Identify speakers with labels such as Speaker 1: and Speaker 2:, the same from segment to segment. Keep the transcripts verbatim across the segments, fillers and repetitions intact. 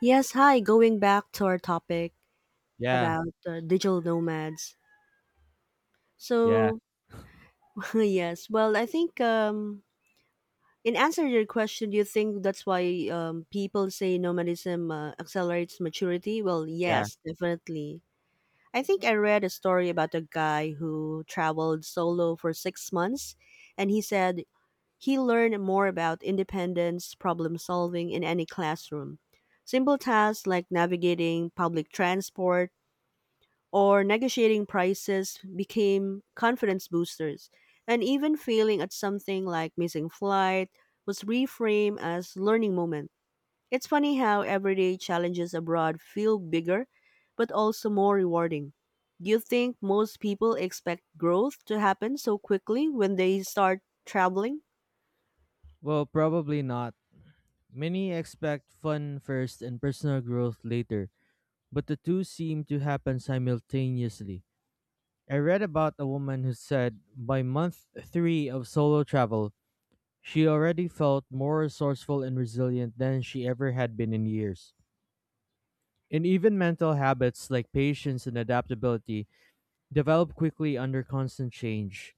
Speaker 1: Yes, hi. Going back to our topic
Speaker 2: Yeah,
Speaker 1: about uh, digital nomads.
Speaker 2: yeah,
Speaker 1: So, yes, well, I think um, in answer to your question, do you think that's why um, people say nomadism uh, accelerates maturity? Well,
Speaker 2: yeah.
Speaker 1: yes, definitely. I think I read a story about a guy who traveled solo for six months, and he said he learned more about independence, problem solving in any classroom. Simple tasks like navigating public transport or negotiating prices became confidence boosters. And even failing at something like missing flight was reframed as learning moment. It's funny how everyday challenges abroad feel bigger but also more rewarding. Do you think most people expect growth to happen so quickly when they start traveling?
Speaker 2: Well, probably not. Many expect fun first and personal growth later, but the two seem to happen simultaneously. I read about a woman who said by month three of solo travel, she already felt more resourceful and resilient than she ever had been in years. And even mental habits like patience and adaptability develop quickly under constant change.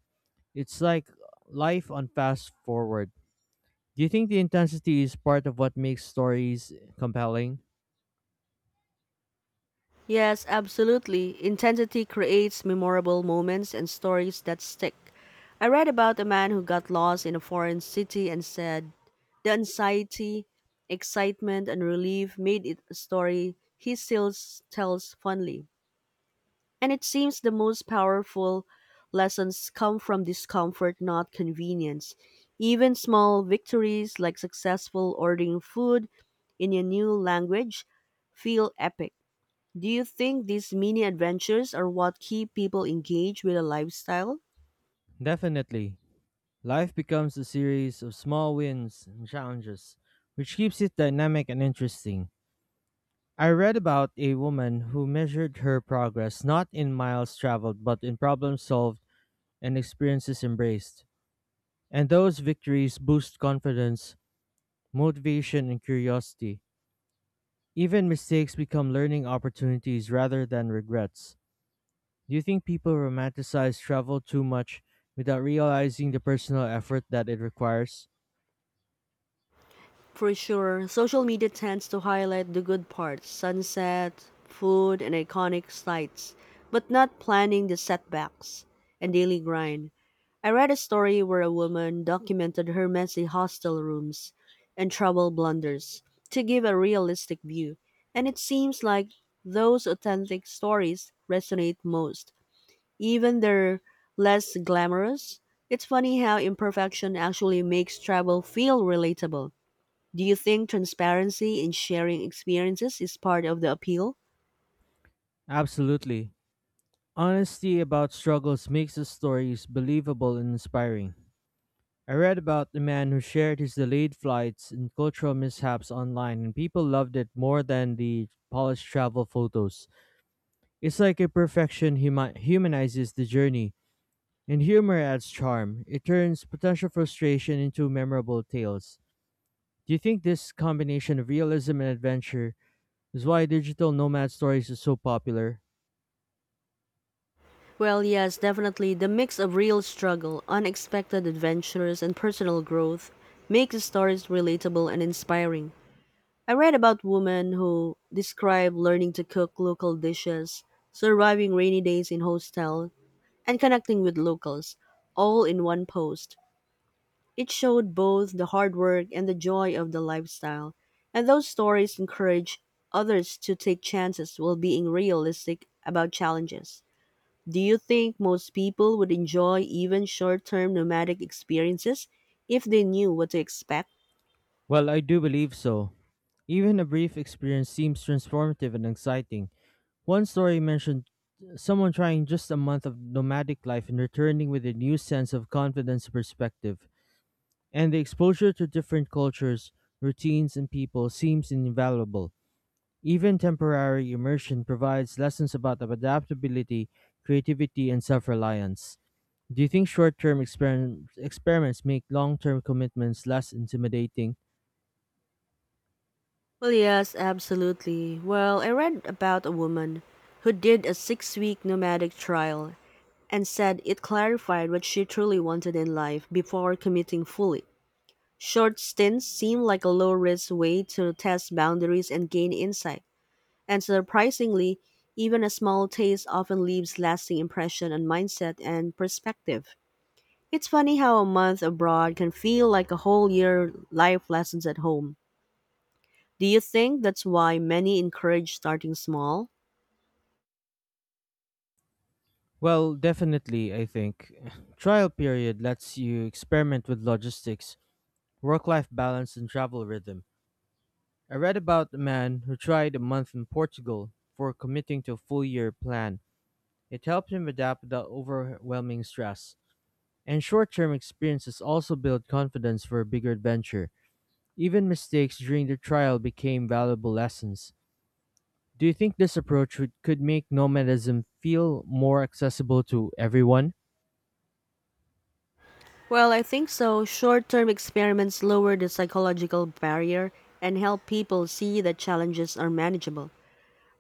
Speaker 2: It's like life on fast forward. Do you think the intensity is part of what makes stories compelling?
Speaker 1: Yes, absolutely. Intensity creates memorable moments and stories that stick. I read about a man who got lost in a foreign city and said, the anxiety, excitement, and relief made it a story he still s- tells fondly. And it seems the most powerful lessons come from discomfort, not convenience. Even small victories like successful ordering food in a new language feel epic. Do you think these mini adventures are what keep people engaged with a lifestyle?
Speaker 2: Definitely. Life becomes a series of small wins and challenges, which keeps it dynamic and interesting. I read about a woman who measured her progress not in miles traveled, but in problems solved and experiences embraced. And those victories boost confidence, motivation, and curiosity. Even mistakes become learning opportunities rather than regrets. Do you think people romanticize travel too much without realizing the personal effort that it requires?
Speaker 1: For sure, social media tends to highlight the good parts sunset, food, and iconic sights, but not planning the setbacks and daily grind. I read a story where a woman documented her messy hostel rooms and travel blunders to give a realistic view, and it seems like those authentic stories resonate most. Even they're less glamorous. It's funny how imperfection actually makes travel feel relatable. Do you think transparency in sharing experiences is part of the appeal?
Speaker 2: Absolutely. Honesty about struggles makes the stories believable and inspiring. I read about the man who shared his delayed flights and cultural mishaps online, and people loved it more than the polished travel photos. It's like a perfection humi- humanizes the journey, and humor adds charm. It turns potential frustration into memorable tales. Do you think this combination of realism and adventure is why digital nomad stories is so popular?
Speaker 1: Well, yes, definitely. The mix of real struggle, unexpected adventures, and personal growth makes the stories relatable and inspiring. I read about women who describe learning to cook local dishes, surviving rainy days in hostel, and connecting with locals, all in one post. It showed both the hard work and the joy of the lifestyle, and those stories encourage others to take chances while being realistic about challenges. Do you think most people would enjoy even short term nomadic experiences if they knew what to expect?
Speaker 2: Well, I do believe so. Even a brief experience seems transformative and exciting. One story mentioned someone trying just a month of nomadic life and returning with a new sense of confidence and perspective. And the exposure to different cultures, routines, and people seems invaluable. Even temporary immersion provides lessons about adaptability, creativity, and self reliance. Do you think short term experim experiments make long term commitments less intimidating?
Speaker 1: Well, yes, absolutely. Well, I read about a woman who did a six week nomadic trial and said it clarified what she truly wanted in life before committing fully. Short stints seem like a low risk way to test boundaries and gain insight. And surprisingly, even a small taste often leaves lasting impression on mindset and perspective. It's funny how a month abroad can feel like a whole year life lessons at home. Do you think that's why many encourage starting small?
Speaker 2: Well, definitely, I think. Trial period lets you experiment with logistics, work life balance, and travel rhythm. I read about a man who tried a month in Portugal before committing to a full year plan. It helped him adapt without overwhelming stress. And short term experiences also build confidence for a bigger adventure. Even mistakes during the trial became valuable lessons. Do you think this approach would, could make nomadism feel more accessible to everyone?
Speaker 1: Well, I think so. Short term experiments lower the psychological barrier and help people see that challenges are manageable.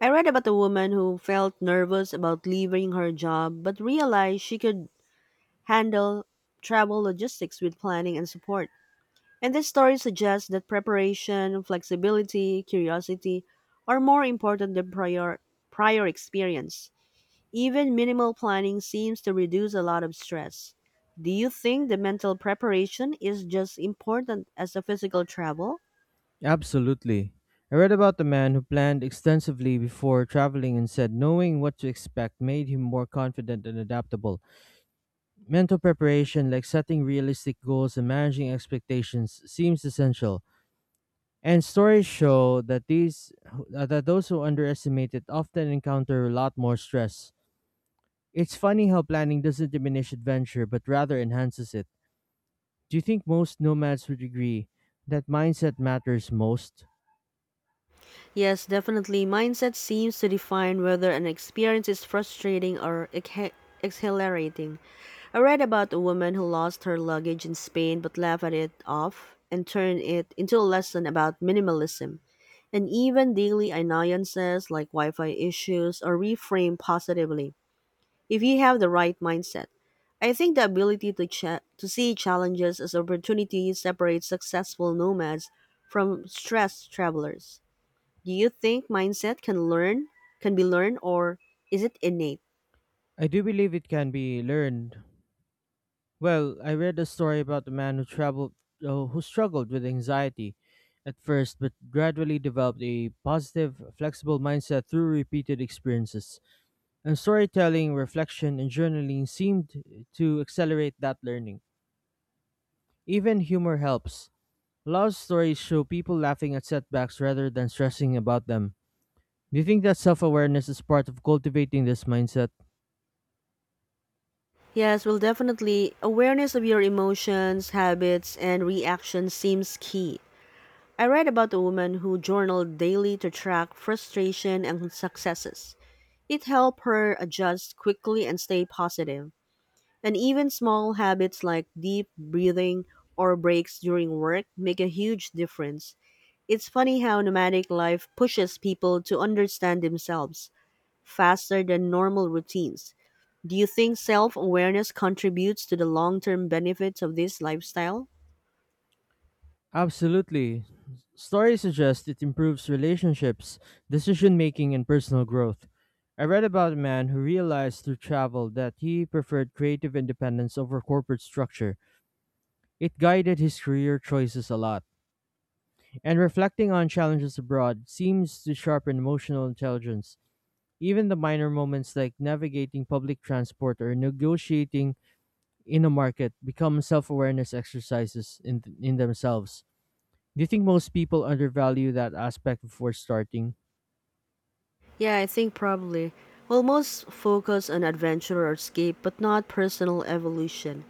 Speaker 1: I read about a woman who felt nervous about leaving her job but realized she could handle travel logistics with planning and support. And this story suggests that preparation, flexibility, curiosity are more important than prior, prior experience. Even minimal planning seems to reduce a lot of stress. Do you think the mental preparation is just important as the physical travel?
Speaker 2: Absolutely. I read about the man who planned extensively before traveling and said knowing what to expect made him more confident and adaptable. Mental preparation, like setting realistic goals and managing expectations, seems essential. And stories show that these uh, that those who underestimate it often encounter a lot more stress. It's funny how planning doesn't diminish adventure but rather enhances it. Do you think most nomads would agree that mindset matters most?
Speaker 1: Yes, definitely. Mindset seems to define whether an experience is frustrating or ex- exhilarating. I read about a woman who lost her luggage in Spain but laughed at it off and turned it into a lesson about minimalism. And even daily annoyances like Wi Fi issues are reframed positively if you have the right mindset. I think the ability to, cha- to see challenges as opportunities separates successful nomads from stressed travelers. Do you think mindset can learn, can be learned, or is it innate?
Speaker 2: I do believe it can be learned. Well, I read a story about a man who traveled uh, who struggled with anxiety at first but gradually developed a positive, flexible mindset through repeated experiences. And storytelling, reflection, and journaling seemed to accelerate that learning. Even humor helps. A lot of stories show people laughing at setbacks rather than stressing about them. Do you think that self awareness is part of cultivating this mindset?
Speaker 1: Yes, well, definitely. Awareness of your emotions, habits, and reactions seems key. I read about a woman who journaled daily to track frustration and successes. It helped her adjust quickly and stay positive. And even small habits like deep breathing or breaks during work make a huge difference. It's funny how nomadic life pushes people to understand themselves faster than normal routines. Do you think self awareness contributes to the long term benefits of this lifestyle?
Speaker 2: Absolutely. Stories suggest it improves relationships, decision making, and personal growth. I read about a man who realized through travel that he preferred creative independence over corporate structure. It guided his career choices a lot. And reflecting on challenges abroad seems to sharpen emotional intelligence. Even the minor moments like navigating public transport or negotiating in a market become self-awareness exercises in in themselves. Do you think most people undervalue that aspect before starting?
Speaker 1: Yeah, I think probably. Well, most focus on adventure or escape, but not personal evolution.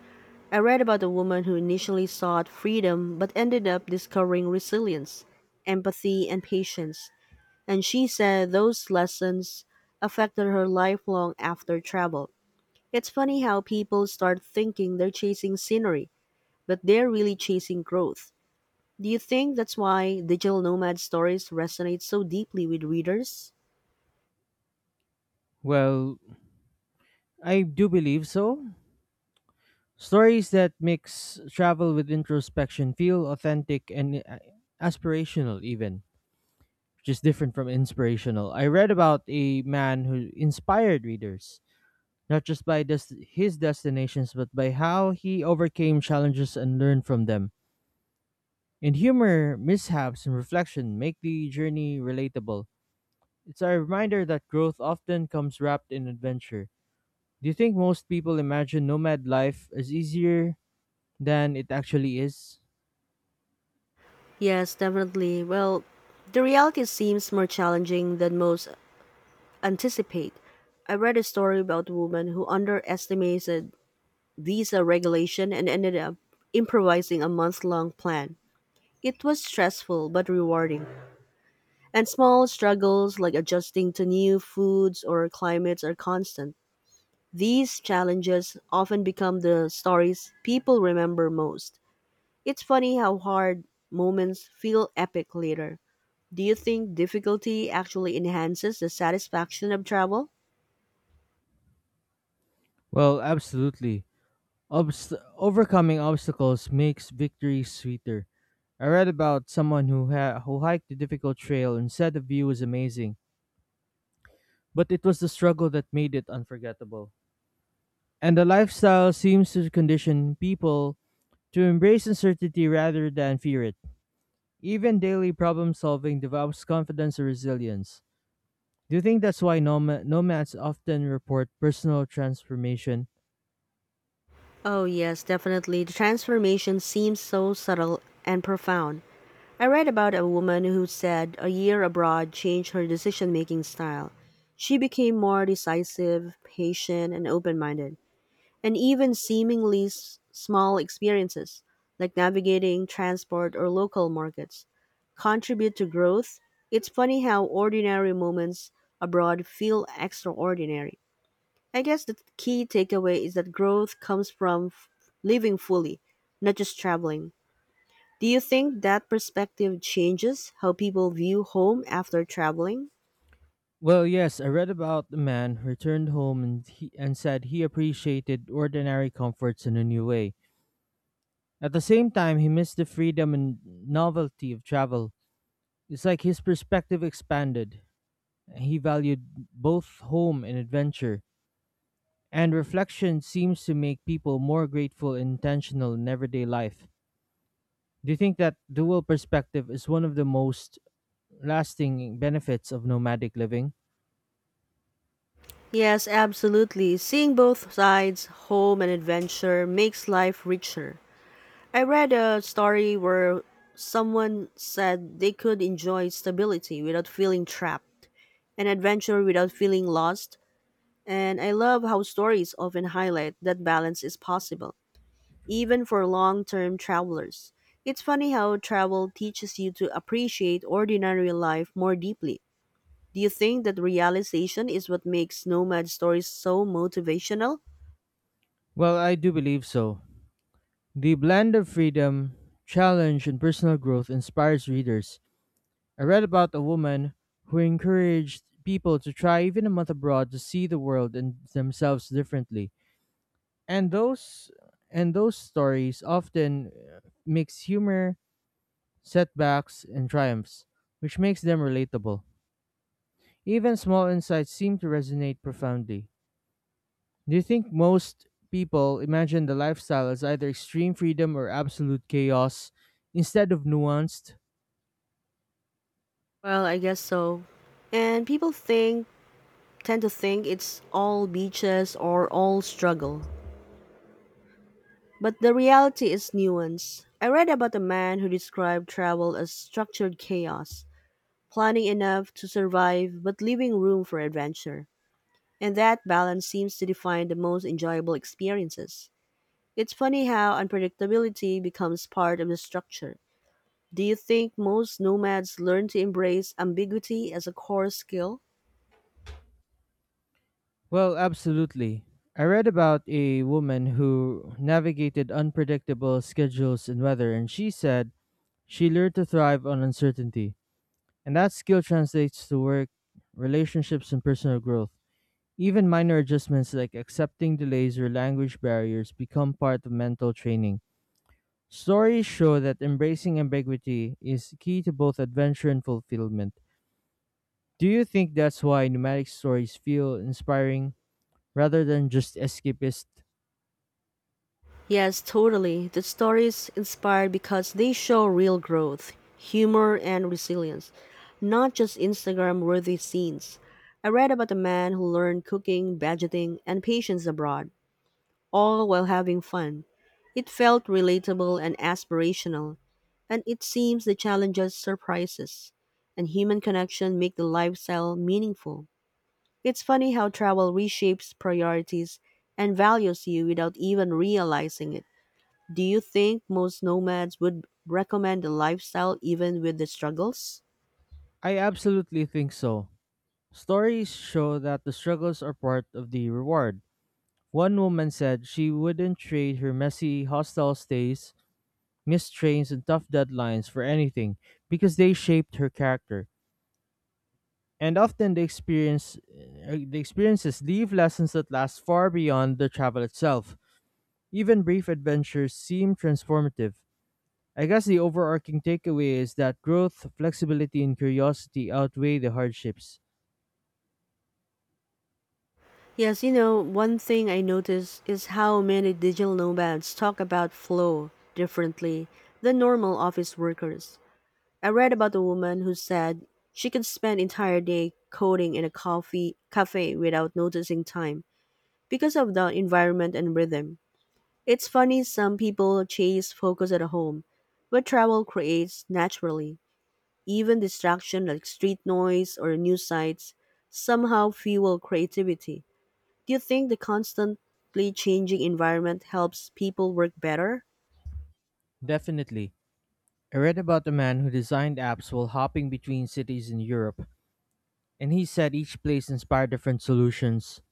Speaker 1: I read about a woman who initially sought freedom but ended up discovering resilience, empathy, and patience. And she said those lessons affected her lifelong after travel. It's funny how people start thinking they're chasing scenery but they're really chasing growth. Do you think that's why digital nomad stories resonate so deeply with readers?
Speaker 2: Well, I do believe so. Stories that mix travel with introspection feel authentic and uh, aspirational even, which is different from inspirational. I read about a man who inspired readers not just by des- his destinations but by how he overcame challenges and learned from them. And humor, mishaps, and reflection make the journey relatable. It's a reminder that growth often comes wrapped in adventure. Do you think most people imagine nomad life as easier than it actually is?
Speaker 1: Yes, definitely. Well, the reality seems more challenging than most anticipate. I read a story about a woman who underestimated visa regulation and ended up improvising a month long plan. It was stressful but rewarding, and small struggles like adjusting to new foods or climates are constant. These challenges often become the stories people remember most. It's funny how hard moments feel epic later. Do you think difficulty actually enhances the satisfaction of travel?
Speaker 2: Well, absolutely. Obst- overcoming obstacles makes victory sweeter. I read about someone who ha- who hiked a difficult trail and said the view was amazing, but it was the struggle that made it unforgettable. And the lifestyle seems to condition people to embrace uncertainty rather than fear it. Even daily problem solving develops confidence and resilience. Do you think that's why nom- nomads often report personal transformation?
Speaker 1: Oh, yes, definitely. The transformation seems so subtle and profound. I read about a woman who said a year abroad changed her decision making style. She became more decisive, patient, and open minded. And even seemingly s- small experiences, like navigating transport or local markets, contribute to growth. It's funny how ordinary moments abroad feel extraordinary. I guess the key takeaway is that growth comes from f- living fully, not just traveling. Do you think that perspective changes how people view home after traveling?
Speaker 2: Well, yes, I read about the man who returned home and, he, and said he appreciated ordinary comforts in a new way. At the same time, he missed the freedom and novelty of travel. It's like his perspective expanded. He valued both home and adventure. And reflection seems to make people more grateful and intentional in everyday life. Do you think that dual perspective is one of the most lasting benefits of nomadic living?
Speaker 1: Yes, absolutely. Seeing both sides, home and adventure, makes life richer. I read a story where someone said they could enjoy stability without feeling trapped, and adventure without feeling lost. And I love how stories often highlight that balance is possible, even for long term travelers. It's funny how travel teaches you to appreciate ordinary life more deeply. Do you think that realization is what makes nomad stories so motivational?
Speaker 2: Well, I do believe so. The blend of freedom, challenge, and personal growth inspires readers. I read about a woman who encouraged people to try even a month abroad to see the world and themselves differently. And those and those stories often uh, mix humor, setbacks, and triumphs, which makes them relatable. Even small insights seem to resonate profoundly. Do you think most people imagine the lifestyle as either extreme freedom or absolute chaos instead of nuanced?
Speaker 1: Well, I guess so. And people think tend to think it's all beaches or all struggle. But the reality is nuanced. I read about a man who described travel as structured chaos, planning enough to survive but leaving room for adventure. And that balance seems to define the most enjoyable experiences. It's funny how unpredictability becomes part of the structure. Do you think most nomads learn to embrace ambiguity as a core skill?
Speaker 2: Well, absolutely. I read about a woman who navigated unpredictable schedules and weather, and she said she learned to thrive on uncertainty. And that skill translates to work, relationships, and personal growth. Even minor adjustments like accepting delays or language barriers become part of mental training. Stories show that embracing ambiguity is key to both adventure and fulfillment. Do you think that's why nomadic stories feel inspiring rather than just escapist?
Speaker 1: Yes, totally. The stories inspire because they show real growth, humor, and resilience, not just Instagram worthy scenes. I read about a man who learned cooking, budgeting, and patience abroad, all while having fun. It felt relatable and aspirational, and it seems the challenges, surprises, and human connection make the lifestyle meaningful. It's funny how travel reshapes priorities and values you without even realizing it. Do you think most nomads would recommend the lifestyle even with the struggles?
Speaker 2: I absolutely think so. Stories show that the struggles are part of the reward. One woman said she wouldn't trade her messy, hostile stays, missed trains, and tough deadlines for anything because they shaped her character. And often the experience uh, the experiences leave lessons that last far beyond the travel itself. Even brief adventures seem transformative. I guess the overarching takeaway is that growth, flexibility, and curiosity outweigh the hardships.
Speaker 1: Yes, you know, one thing I notice is how many digital nomads talk about flow differently than normal office workers. I read about a woman who said she could spend entire day coding in a coffee cafe without noticing time because of the environment and rhythm. It's funny some people chase focus at home, but travel creates naturally. Even distraction like street noise or news sites somehow fuel creativity. Do you think the constantly changing environment helps people work better?
Speaker 2: Definitely. I read about a man who designed apps while hopping between cities in Europe, and he said each place inspired different solutions.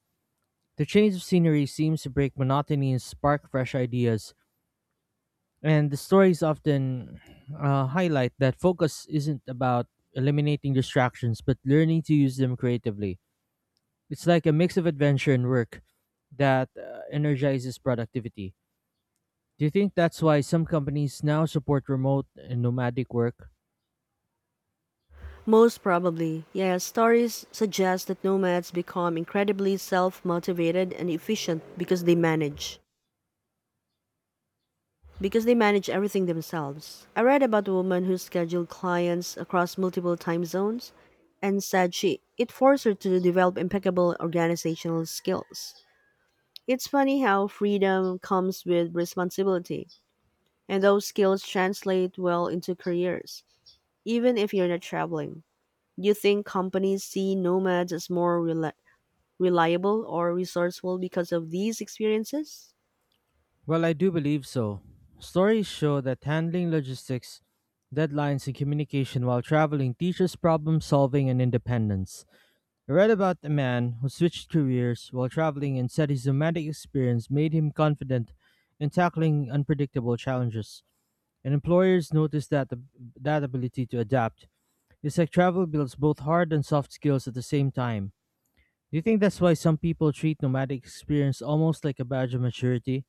Speaker 2: The change of scenery seems to break monotony and spark fresh ideas. And the stories often uh, highlight that focus isn't about eliminating distractions, but learning to use them creatively. It's like a mix of adventure and work that uh, energizes productivity. Do you think that's why some companies now support remote and nomadic work?
Speaker 1: Most probably, yes. Stories suggest that nomads become incredibly self-motivated and efficient because they manage because they manage everything themselves. I read about a woman who scheduled clients across multiple time zones and said she it forced her to develop impeccable organizational skills. It's funny how freedom comes with responsibility, and those skills translate well into careers, even if you're not traveling. Do you think companies see nomads as more rela reliable or resourceful because of these experiences?
Speaker 2: Well, I do believe so. Stories show that handling logistics, deadlines, and communication while traveling teaches problem solving and independence. I read about a man who switched careers while traveling and said his nomadic experience made him confident in tackling unpredictable challenges. And employers notice that the, that ability to adapt. It's like travel builds both hard and soft skills at the same time. Do you think that's why some people treat nomadic experience almost like a badge of maturity?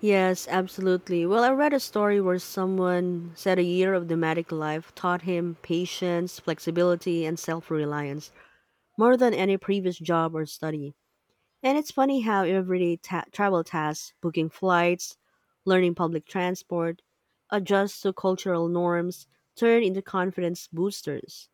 Speaker 1: Yes, absolutely. Well, I read a story where someone said a year of nomadic life taught him patience, flexibility, and self reliance more than any previous job or study. And it's funny how everyday ta- travel tasks, booking flights, learning public transport, adjust to cultural norms, turn into confidence boosters.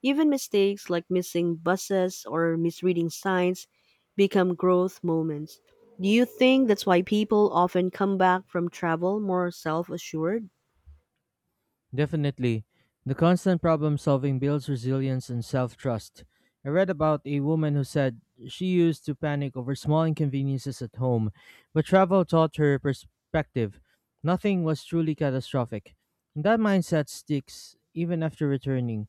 Speaker 1: Even mistakes like missing buses or misreading signs become growth moments. Do you think that's why people often come back from travel more self assured?
Speaker 2: Definitely. The constant problem solving builds resilience and self trust. I read about a woman who said she used to panic over small inconveniences at home, but travel taught her perspective. Nothing was truly catastrophic. And that mindset sticks even after returning.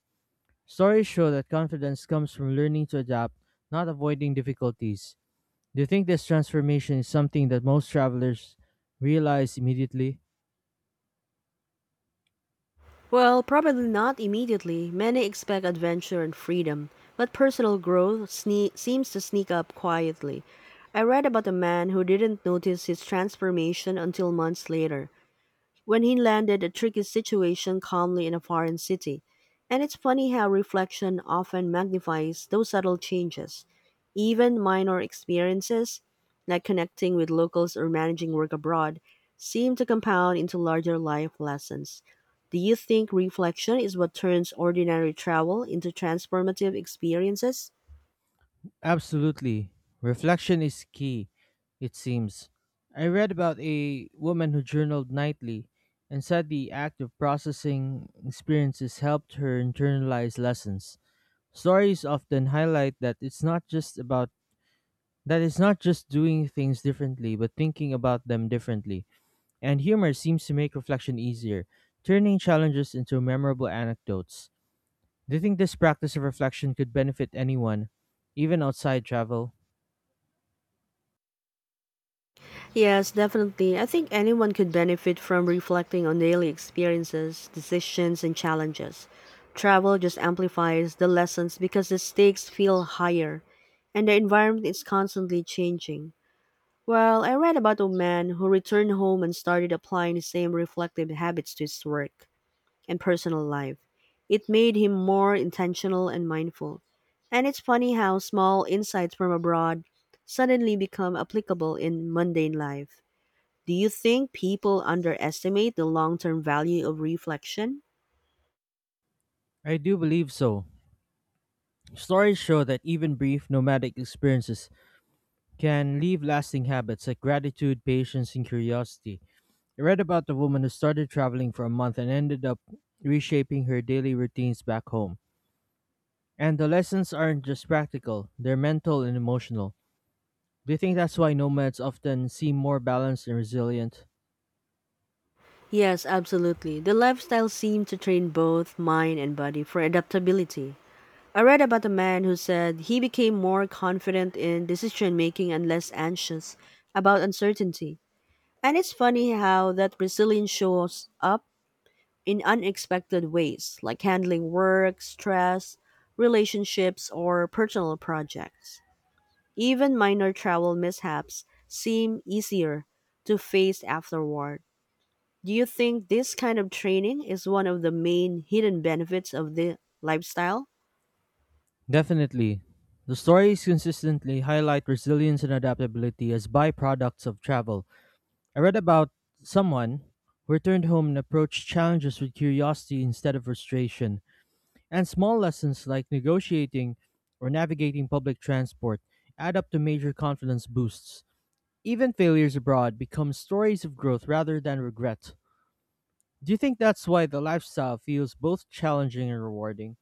Speaker 2: Stories show that confidence comes from learning to adapt, not avoiding difficulties. Do you think this transformation is something that most travelers realize immediately?
Speaker 1: Well, probably not immediately. Many expect adventure and freedom, but personal growth sne- seems to sneak up quietly. I read about a man who didn't notice his transformation until months later when he landed a tricky situation calmly in a foreign city. And it's funny how reflection often magnifies those subtle changes. Even minor experiences, like connecting with locals or managing work abroad, seem to compound into larger life lessons. Do you think reflection is what turns ordinary travel into transformative experiences?
Speaker 2: Absolutely. Reflection is key, it seems. I read about a woman who journaled nightly and said the act of processing experiences helped her internalize lessons. Stories often highlight that it's not just about that it's not just doing things differently, but thinking about them differently. And humor seems to make reflection easier, turning challenges into memorable anecdotes. Do you think this practice of reflection could benefit anyone, even outside travel?
Speaker 1: Yes, definitely. I think anyone could benefit from reflecting on daily experiences, decisions, and challenges. Travel just amplifies the lessons because the stakes feel higher and the environment is constantly changing. Well, I read about a man who returned home and started applying the same reflective habits to his work and personal life. It made him more intentional and mindful. And it's funny how small insights from abroad suddenly become applicable in mundane life. Do you think people underestimate the long term value of reflection?
Speaker 2: I do believe so. Stories show that even brief nomadic experiences can leave lasting habits like gratitude, patience, and curiosity. I read about the woman who started traveling for a month and ended up reshaping her daily routines back home. And the lessons aren't just practical, they're mental and emotional. Do you think that's why nomads often seem more balanced and resilient?
Speaker 1: Yes, absolutely. The lifestyle seemed to train both mind and body for adaptability. I read about a man who said he became more confident in decision making and less anxious about uncertainty. And it's funny how that resilience shows up in unexpected ways, like handling work, stress, relationships, or personal projects. Even minor travel mishaps seem easier to face afterward. Do you think this kind of training is one of the main hidden benefits of the lifestyle?
Speaker 2: Definitely. The stories consistently highlight resilience and adaptability as byproducts of travel. I read about someone who returned home and approached challenges with curiosity instead of frustration, and small lessons like negotiating or navigating public transport add up to major confidence boosts. Even failures abroad become stories of growth rather than regret. Do you think that's why the lifestyle feels both challenging and rewarding?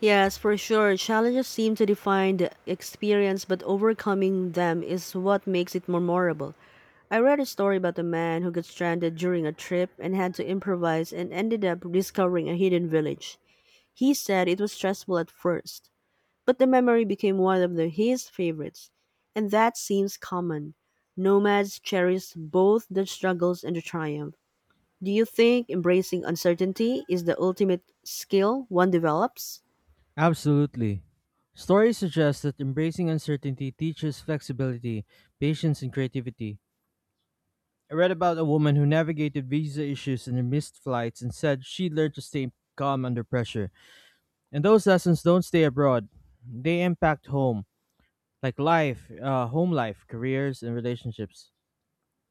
Speaker 1: Yes, for sure. Challenges seem to define the experience, but overcoming them is what makes it memorable. I read a story about a man who got stranded during a trip and had to improvise and ended up discovering a hidden village. He said it was stressful at first, but the memory became one of the, his favorites, and that seems common. Nomads cherish both the struggles and the triumph. Do you think embracing uncertainty is the ultimate skill one develops?
Speaker 2: Absolutely. Stories suggest that embracing uncertainty teaches flexibility, patience, and creativity. I read about a woman who navigated visa issues and missed flights and said she learned to stay calm under pressure. And those lessons don't stay abroad, they impact home, like life, uh, home life, careers, and relationships.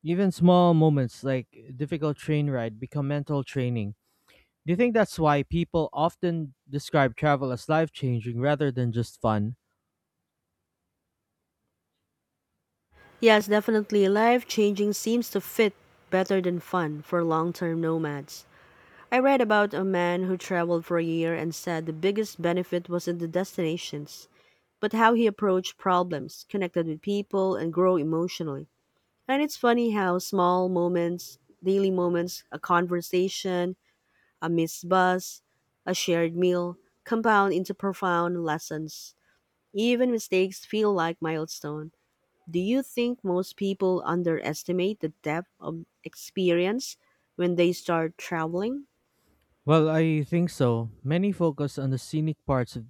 Speaker 2: Even small moments like a difficult train ride become mental training. Do you think that's why people often describe travel as life changing rather than just fun?
Speaker 1: Yes, definitely. Life changing seems to fit better than fun for long term nomads. I read about a man who traveled for a year and said the biggest benefit wasn't the destinations, but how he approached problems, connected with people, and grew emotionally. And it's funny how small moments, daily moments, a conversation, a missed bus, a shared meal, compound into profound lessons. Even mistakes feel like milestone. Do you think most people underestimate the depth of experience when they start traveling?
Speaker 2: Well, I think so. Many focus on the scenic parts of,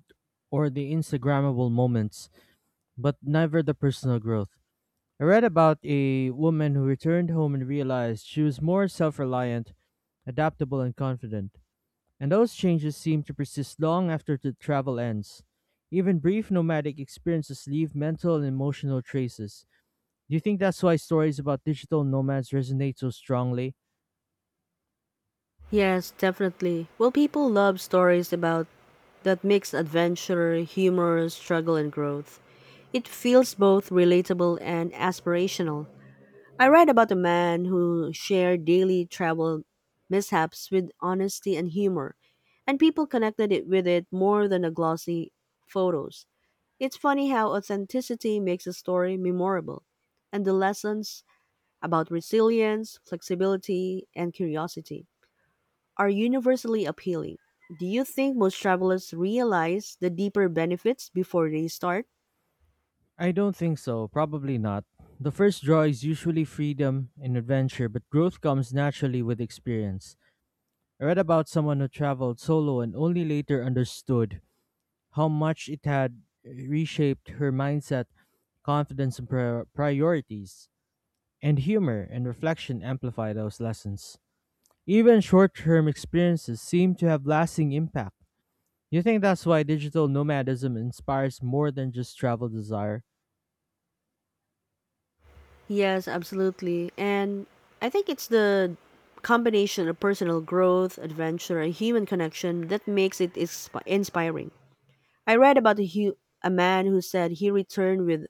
Speaker 2: or the Instagrammable moments, but never the personal growth. I read about a woman who returned home and realized she was more self reliant, adaptable, and confident. And those changes seem to persist long after the travel ends. Even brief nomadic experiences leave mental and emotional traces. Do you think that's why stories about digital nomads resonate so strongly?
Speaker 1: Yes, definitely. Well, people love stories about that mix adventure, humor, struggle, and growth. It feels both relatable and aspirational. I read about a man who shared daily travel mishaps with honesty and humor, and people connected it with it more than the glossy photos. It's funny how authenticity makes a story memorable, and the lessons about resilience, flexibility, and curiosity are universally appealing. Do you think most travelers realize the deeper benefits before they start?
Speaker 2: I don't think so, probably not. The first draw is usually freedom and adventure, but growth comes naturally with experience. I read about someone who traveled solo and only later understood how much it had reshaped her mindset, confidence, and pri- priorities. And humor and reflection amplify those lessons. Even short term experiences seem to have lasting impact. You think that's why digital nomadism inspires more than just travel desire?
Speaker 1: Yes, absolutely. And I think it's the combination of personal growth, adventure, and human connection that makes it isp- inspiring. I read about a, hu- a man who said he returned with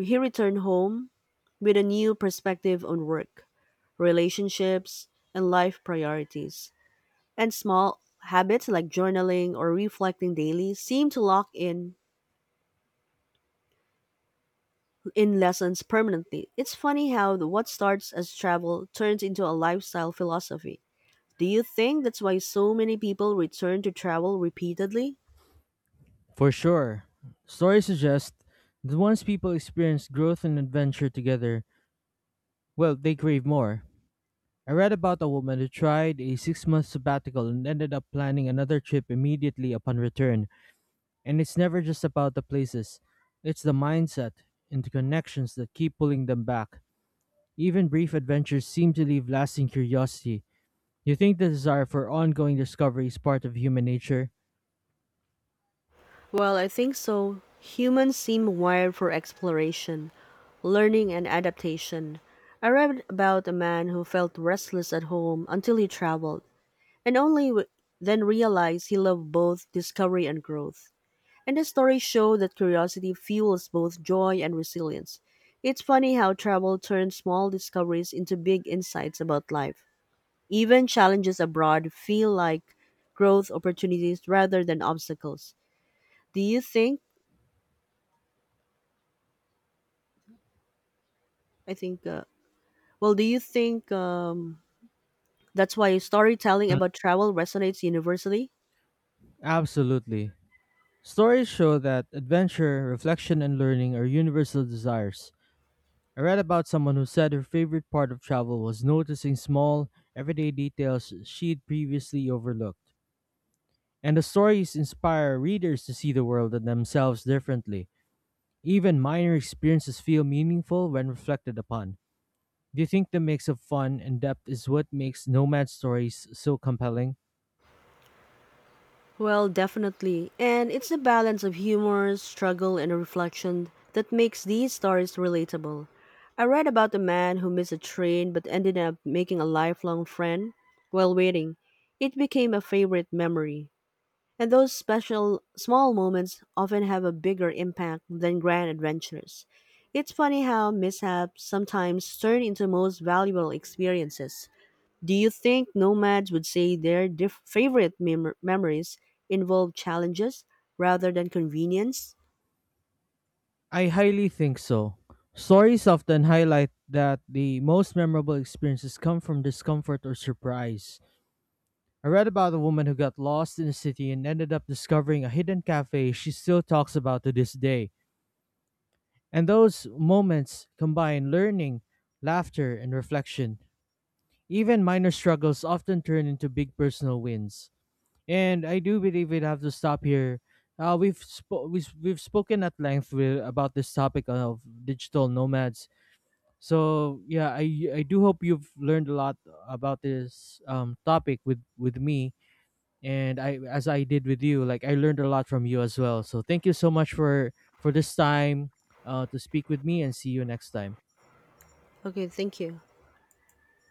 Speaker 1: he returned home with a new perspective on work, relationships, and life priorities. And small habits like journaling or reflecting daily seem to lock in in lessons permanently. It's funny how the- what starts as travel turns into a lifestyle philosophy. Do you think that's why so many people return to travel repeatedly?
Speaker 2: For sure. Stories suggest that once people experience growth and adventure together, well, they crave more. I read about a woman who tried a six month sabbatical and ended up planning another trip immediately upon return. And it's never just about the places, it's the mindset and the connections that keep pulling them back. Even brief adventures seem to leave lasting curiosity. You think the desire for ongoing discovery is part of human nature?
Speaker 1: Well, I think so. Humans seem wired for exploration, learning, and adaptation. I read about a man who felt restless at home until he traveled, and only w- then realized he loved both discovery and growth. And the stories show that curiosity fuels both joy and resilience. It's funny how travel turns small discoveries into big insights about life. Even challenges abroad feel like growth opportunities rather than obstacles. Do you think? I think. Uh, well, do you think um, that's why storytelling
Speaker 2: Mm.
Speaker 1: about travel resonates universally?
Speaker 2: Absolutely. Stories show that adventure, reflection, and learning are universal desires. I read about someone who said her favorite part of travel was noticing small, everyday details she'd previously overlooked. And the stories inspire readers to see the world and themselves differently. Even minor experiences feel meaningful when reflected upon. Do you think the mix of fun and depth is what makes nomad stories so compelling?
Speaker 1: Well, definitely. And it's the balance of humor, struggle, and reflection that makes these stories relatable. I read about a man who missed a train but ended up making a lifelong friend while waiting. It became a favorite memory. And those special small moments often have a bigger impact than grand adventures. It's funny how mishaps sometimes turn into most valuable experiences. Do you think nomads would say their diff- favorite mem- memories involve challenges rather than convenience?
Speaker 2: I highly think so. Stories often highlight that the most memorable experiences come from discomfort or surprise. I read about a woman who got lost in a city and ended up discovering a hidden cafe she still talks about to this day. And those moments combine learning, laughter, and reflection. Even minor struggles often turn into big personal wins. And I do believe we'll have to stop here. Uh, we've, spo- we've we've spoken at length with, about this topic of digital nomads. So yeah, I I do hope you've learned a lot about this um topic with with me and I as I did with you. Like I learned a lot from you as well. So thank you so much for for this time uh to speak with me and see you next time.
Speaker 1: Okay, thank you.